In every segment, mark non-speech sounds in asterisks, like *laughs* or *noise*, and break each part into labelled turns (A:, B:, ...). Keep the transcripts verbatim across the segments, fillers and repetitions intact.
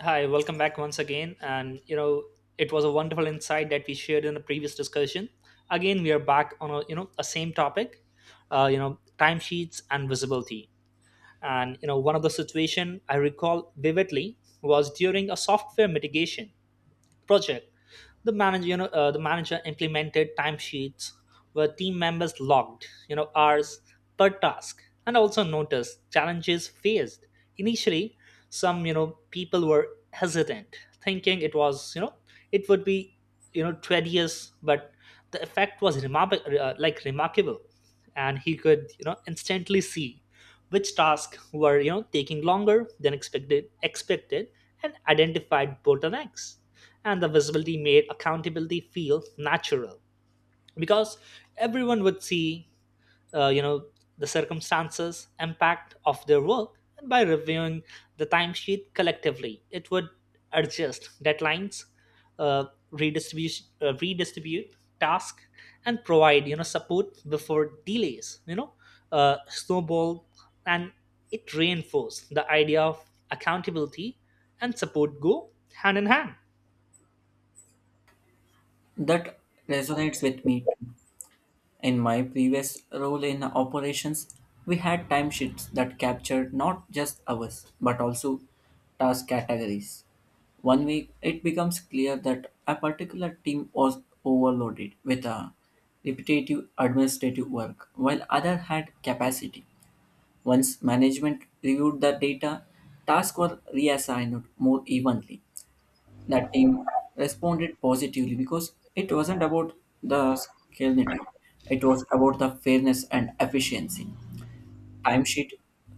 A: Hi, welcome back once again. And you know, it was a wonderful insight that we shared in the previous discussion. Again, we are back on a you know a same topic, uh, you know, timesheets and visibility. And you know, one of the situation I recall vividly was during a software mitigation project. The manager you know uh, the manager implemented timesheets where team members logged you know hours per task, and also noticed challenges faced initially. Some you know people were hesitant, thinking it was you know it would be you know tedious, but the effect was remarkable uh, like remarkable, and he could you know instantly see which tasks were you know taking longer than expected expected, and identified bottlenecks. And the visibility made accountability feel natural, because everyone would see uh, you know the circumstances impact of their work. And by reviewing the timesheet collectively, it would adjust deadlines, uh, redistribute uh, redistribute task and provide you know support before delays you know uh, snowball. And it reinforced the idea of accountability and support go hand in hand.
B: That resonates with me too. In my previous role in operations, we had timesheets that captured not just hours but also task categories. One week, it becomes clear that a particular team was overloaded with a repetitive administrative work, while other had capacity. Once management reviewed the data, tasks were reassigned more evenly that team responded positively because it wasn't about the scalinity, it was about the fairness and efficiency timesheet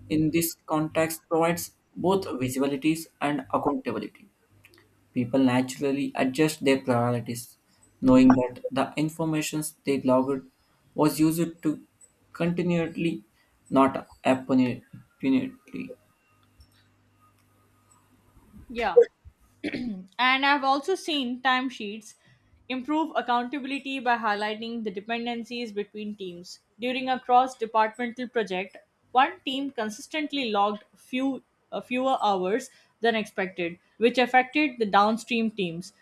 B: in this context provides both visibilities and accountability. People naturally adjust their priorities knowing that the information they logged was used to continually, not opportunity.
C: Yeah. And I've also seen timesheets improve accountability by highlighting the dependencies between teams. During a cross departmental project, one team consistently logged few, uh, fewer hours than expected, which affected the downstream teams.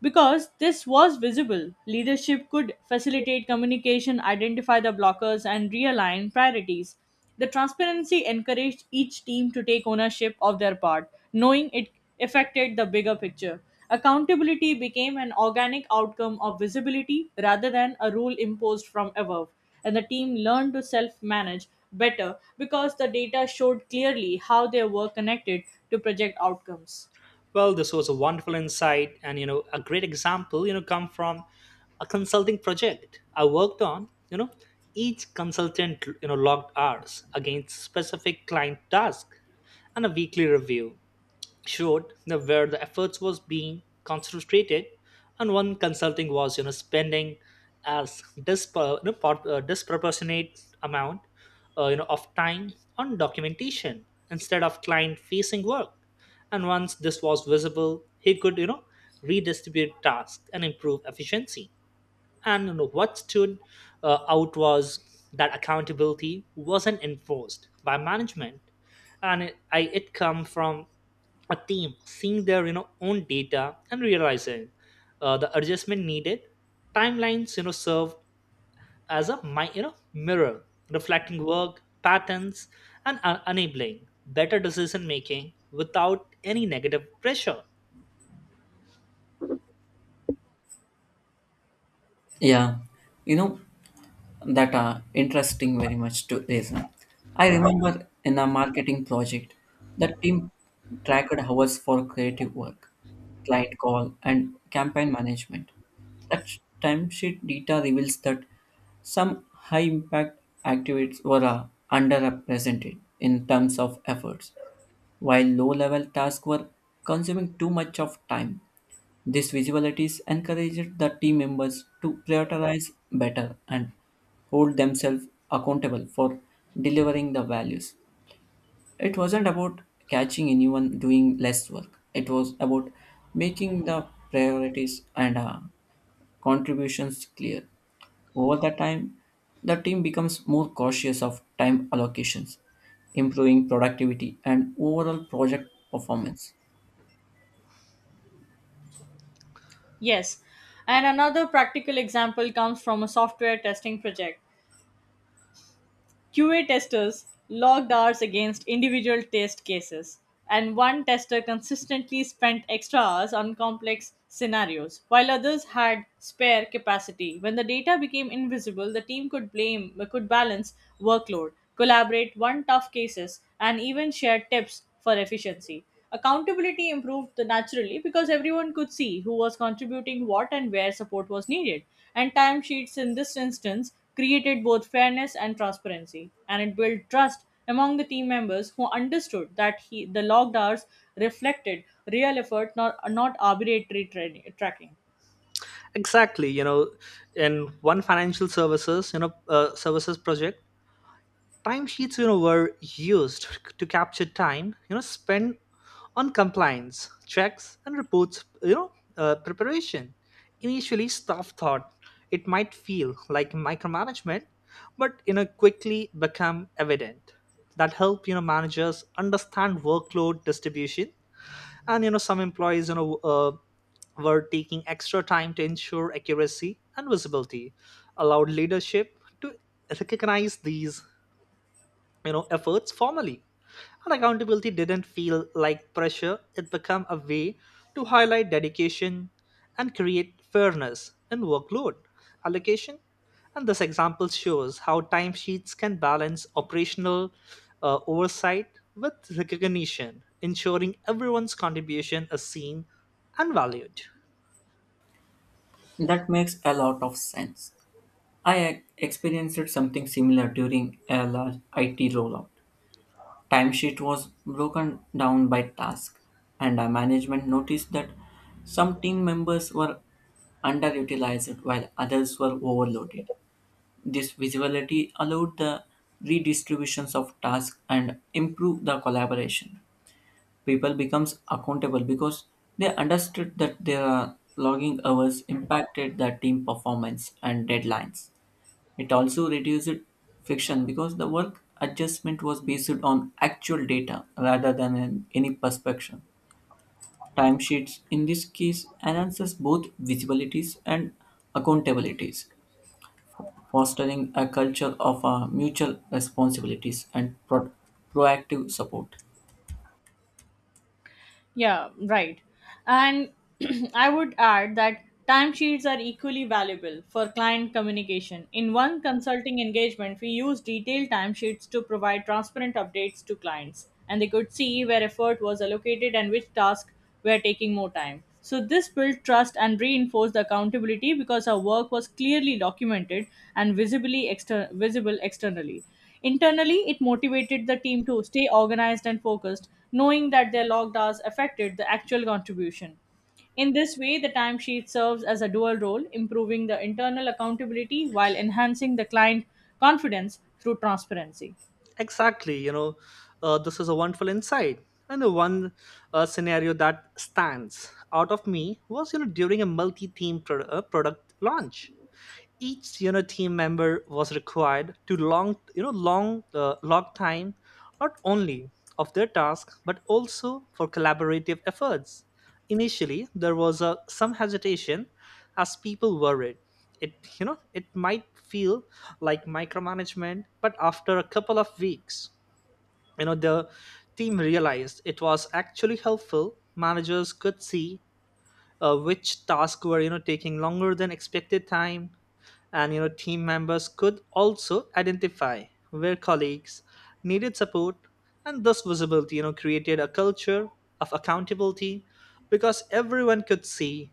C: Because this was visible, leadership could facilitate communication, identify the blockers, and realign priorities. The transparency encouraged each team to take ownership of their part, knowing it affected the bigger picture. Accountability became an organic outcome of visibility rather than a rule imposed from above, and the team learned to self manage better because the data showed clearly how they were connected to project outcomes.
A: Well, this was a wonderful insight, and you know, a great example, you know, come from a consulting project I worked on. You know, each consultant, you know, logged hours against specific client task, and a weekly review showed the, where the efforts was being concentrated. And one consulting was you know spending as dispar- you know, part- uh, disproportionate amount uh, you know of time on documentation instead of client facing work. And once this was visible, he could you know redistribute tasks and improve efficiency. And what stood uh, out was that accountability wasn't enforced by management, and it, I, it come from a team seeing their you know own data and realizing uh, the adjustment needed. Timelines you know serve as a mi- you know mirror reflecting work patterns and uh, enabling better decision making without any negative pressure.
B: Yeah, you know, that are interesting very much to reason. I remember in a marketing project, the team tracked hours for creative work, client call, and campaign management. That timesheet data reveals that some high impact activities were uh, underrepresented in terms of efforts, while low level tasks were consuming too much of time. These visibilities encouraged the team members to prioritize better and hold themselves accountable for delivering the values. It wasn't about catching anyone doing less work, it was about making the priorities and uh, contributions clear. Over the time, the team becomes more cautious of time allocations, improving productivity and overall project performance.
C: Yes, and another practical example comes from a software testing project. Q A testers logged hours against individual test cases, and one tester consistently spent extra hours on complex scenarios, while others had spare capacity. When the data became invisible, the team could blame could balance workload, collaborate, on tough cases, and even share tips for efficiency. Accountability improved naturally because everyone could see who was contributing what and where support was needed. And timesheets in this instance created both fairness and transparency, and it built trust among the team members who understood that he, the logged hours reflected real effort, not, not arbitrary tra- tracking.
A: Exactly, you know, in one financial services, you know, uh, services project, timesheets you know were used to capture time you know spent on compliance checks and reports you know uh, preparation. Initially staff thought it might feel like micromanagement, but you know quickly become evident that help you know managers understand workload distribution. And you know some employees you know uh, were taking extra time to ensure accuracy, and visibility allowed leadership to recognize these you know efforts formally. And accountability didn't feel like pressure, it became a way to highlight dedication and create fairness in workload allocation. And this example shows how timesheets can balance operational uh, oversight with recognition, ensuring everyone's contribution is seen and valued.
B: That makes a lot of sense. I ex- experienced something similar during a large I T rollout. Timesheet was broken down by task, and our management noticed that some team members were underutilized while others were overloaded. This visibility allowed the redistributions of tasks and improved the collaboration. People becomes accountable because they understood that their logging hours impacted the team performance and deadlines. It also reduced friction because the work adjustment was based on actual data rather than an- any perception. Timesheets in this case enhances both visibilities and accountabilities, fostering a culture of uh, mutual responsibilities and pro- proactive support.
C: Yeah, right. And *clears throat* I would add that timesheets are equally valuable for client communication. In one consulting engagement, we used detailed timesheets to provide transparent updates to clients, and they could see where effort was allocated and which tasks were taking more time. So, this built trust and reinforced accountability because our work was clearly documented and visibly exter- visible externally. Internally, it motivated the team to stay organized and focused, knowing that their logged hours affected the actual contribution. In this way, the timesheet serves as a dual role, improving the internal accountability while enhancing the client confidence through transparency.
A: Exactly, you know, uh, this is a wonderful insight. And the one uh, scenario that stands out of me was, you know, during a multi-theme pro- uh, product launch, each you know team member was required to long you know long uh, log time not only of their task but also for collaborative efforts. Initially there was a, some hesitation, as people worried it you know it might feel like micromanagement, but after a couple of weeks, you know the team realized it was actually helpful. Managers could see uh, which tasks were you know taking longer than expected time, and you know team members could also identify where colleagues needed support. And thus visibility you know created a culture of accountability, because everyone could see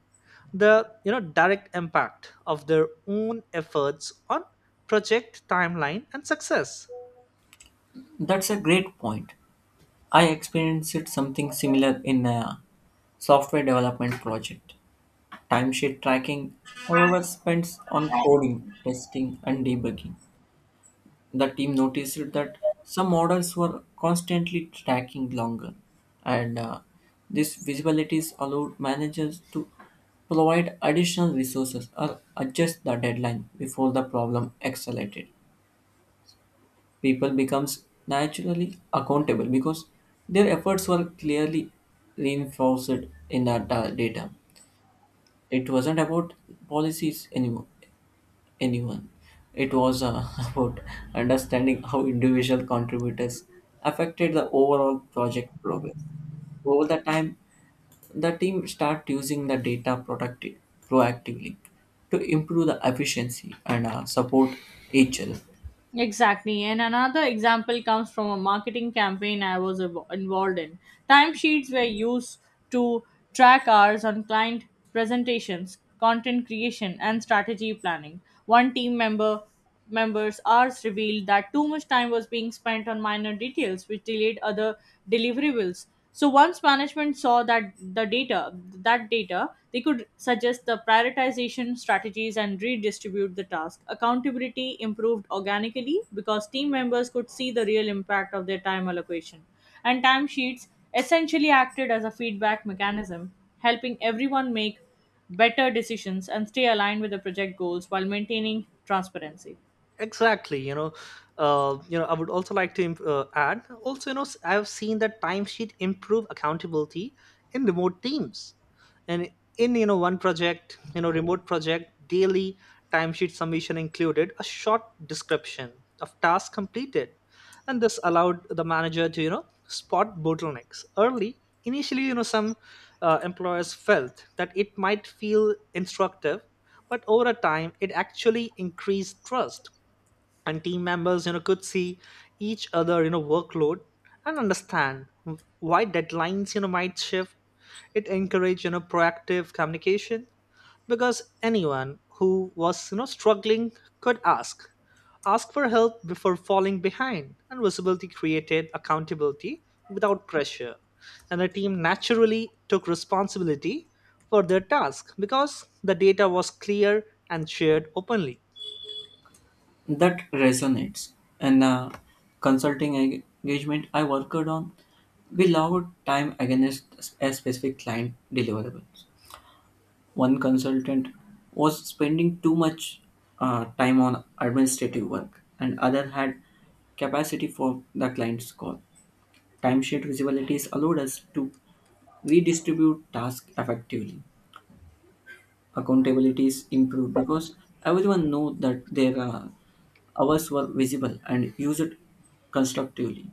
A: the you know direct impact of their own efforts on project timeline and success.
B: That's a great point. I experienced something similar in a software development project. Timesheet tracking, however, spends on coding, testing, and debugging. The team noticed that some orders were constantly tracking longer, and uh, this visibilities allowed managers to provide additional resources or adjust the deadline before the problem accelerated. People becomes naturally accountable because their efforts were clearly reinforced in the uh, data. It wasn't about policies anymore. Anyone. It was uh, *laughs* about understanding how individual contributors affected the overall project progress. Over the time, the team start using the data productive, proactively to improve the efficiency and uh, support each other.
C: Exactly. And another example comes from a marketing campaign I was invo- involved in. Timesheets were used to track hours on client presentations, content creation, and strategy planning. One team member members hours revealed that too much time was being spent on minor details which delayed other deliverables. So once management saw that the data, that data, they could suggest the prioritization strategies and redistribute the task. Accountability improved organically because team members could see the real impact of their time allocation. And timesheets essentially acted as a feedback mechanism, helping everyone make better decisions and stay aligned with the project goals while maintaining transparency.
A: Exactly, you know uh, you know I would also like to uh, add also you know s- I have seen that timesheet improve accountability in remote teams. And in you know one project, you know remote project, daily timesheet submission included a short description of task completed, and this allowed the manager to you know spot bottlenecks early. Initially you know some uh, employers felt that it might feel instructive, but over a time it actually increased trust, and team members you know could see each other you know workload and understand why deadlines you know might shift. It encouraged you know proactive communication, because anyone who was you know struggling could ask ask for help before falling behind. And visibility created accountability without pressure, and the team naturally took responsibility for their task because the data was clear and shared openly.
B: That resonates. And uh, consulting eng- engagement I worked on, we allowed time against a specific client deliverable. One consultant was spending too much uh, time on administrative work, and other had capacity for the client's call. Timesheet visibilities allowed us to redistribute tasks effectively. Accountability is improved because everyone knew that their uh, hours were visible and used constructively.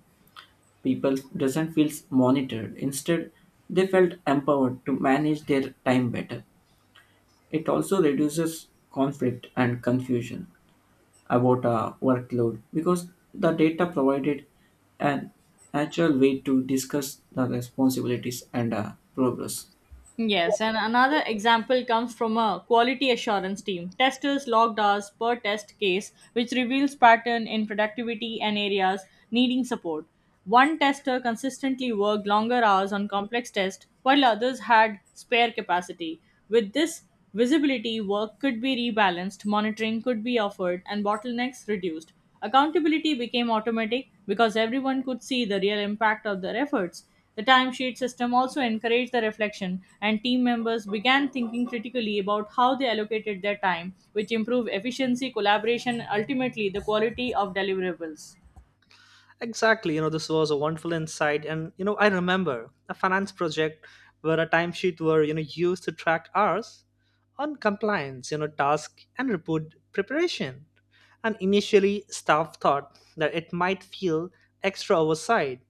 B: People doesn't feel monitored. Instead, they felt empowered to manage their time better. It also reduces conflict and confusion about a workload because the data provided an actual way to discuss the responsibilities and uh, progress.
C: Yes, and another example comes from a quality assurance team. Testers logged hours per test case, which reveals pattern in productivity and areas needing support. One tester consistently worked longer hours on complex tests, while others had spare capacity. With this visibility, work could be rebalanced, monitoring could be offered, and bottlenecks reduced. Accountability became automatic because everyone could see the real impact of their efforts. The timesheet system also encouraged the reflection, and team members began thinking critically about how they allocated their time, which improved efficiency, collaboration, and ultimately the quality of deliverables.
A: Exactly. You know, this was a wonderful insight. And, you know, I remember a finance project where a timesheet were, you know, used to track hours on compliance, you know, task and report preparation. And initially, staff thought that it might feel extra oversight,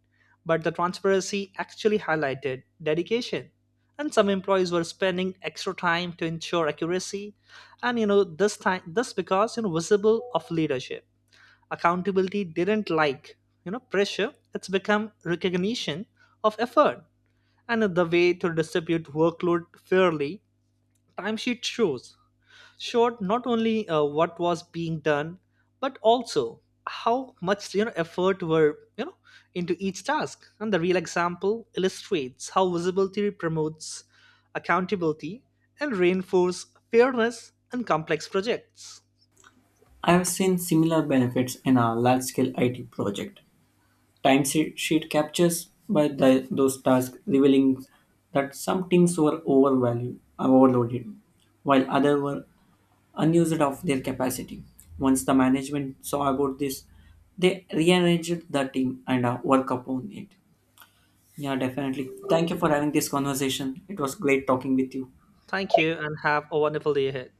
A: but the transparency actually highlighted dedication. And some employees were spending extra time to ensure accuracy. And, you know, this time, this because, you know, visible of leadership, accountability didn't like you know pressure, it's become recognition of effort and the way to distribute workload fairly. Timesheet shows showed not only uh, what was being done but also how much you know effort were you know into each task. And the real example illustrates how visibility promotes accountability and reinforce fairness in complex projects.
B: I have seen similar benefits in a large scale I T project. Timesheet captures by the, those tasks, revealing that some teams were overvalued, overloaded, while others were unused of their capacity. Once the management saw about this, they rearranged the team and uh, work upon it. Yeah, definitely. Thank you for having this conversation. It was great talking with you.
A: Thank you and have a wonderful day ahead.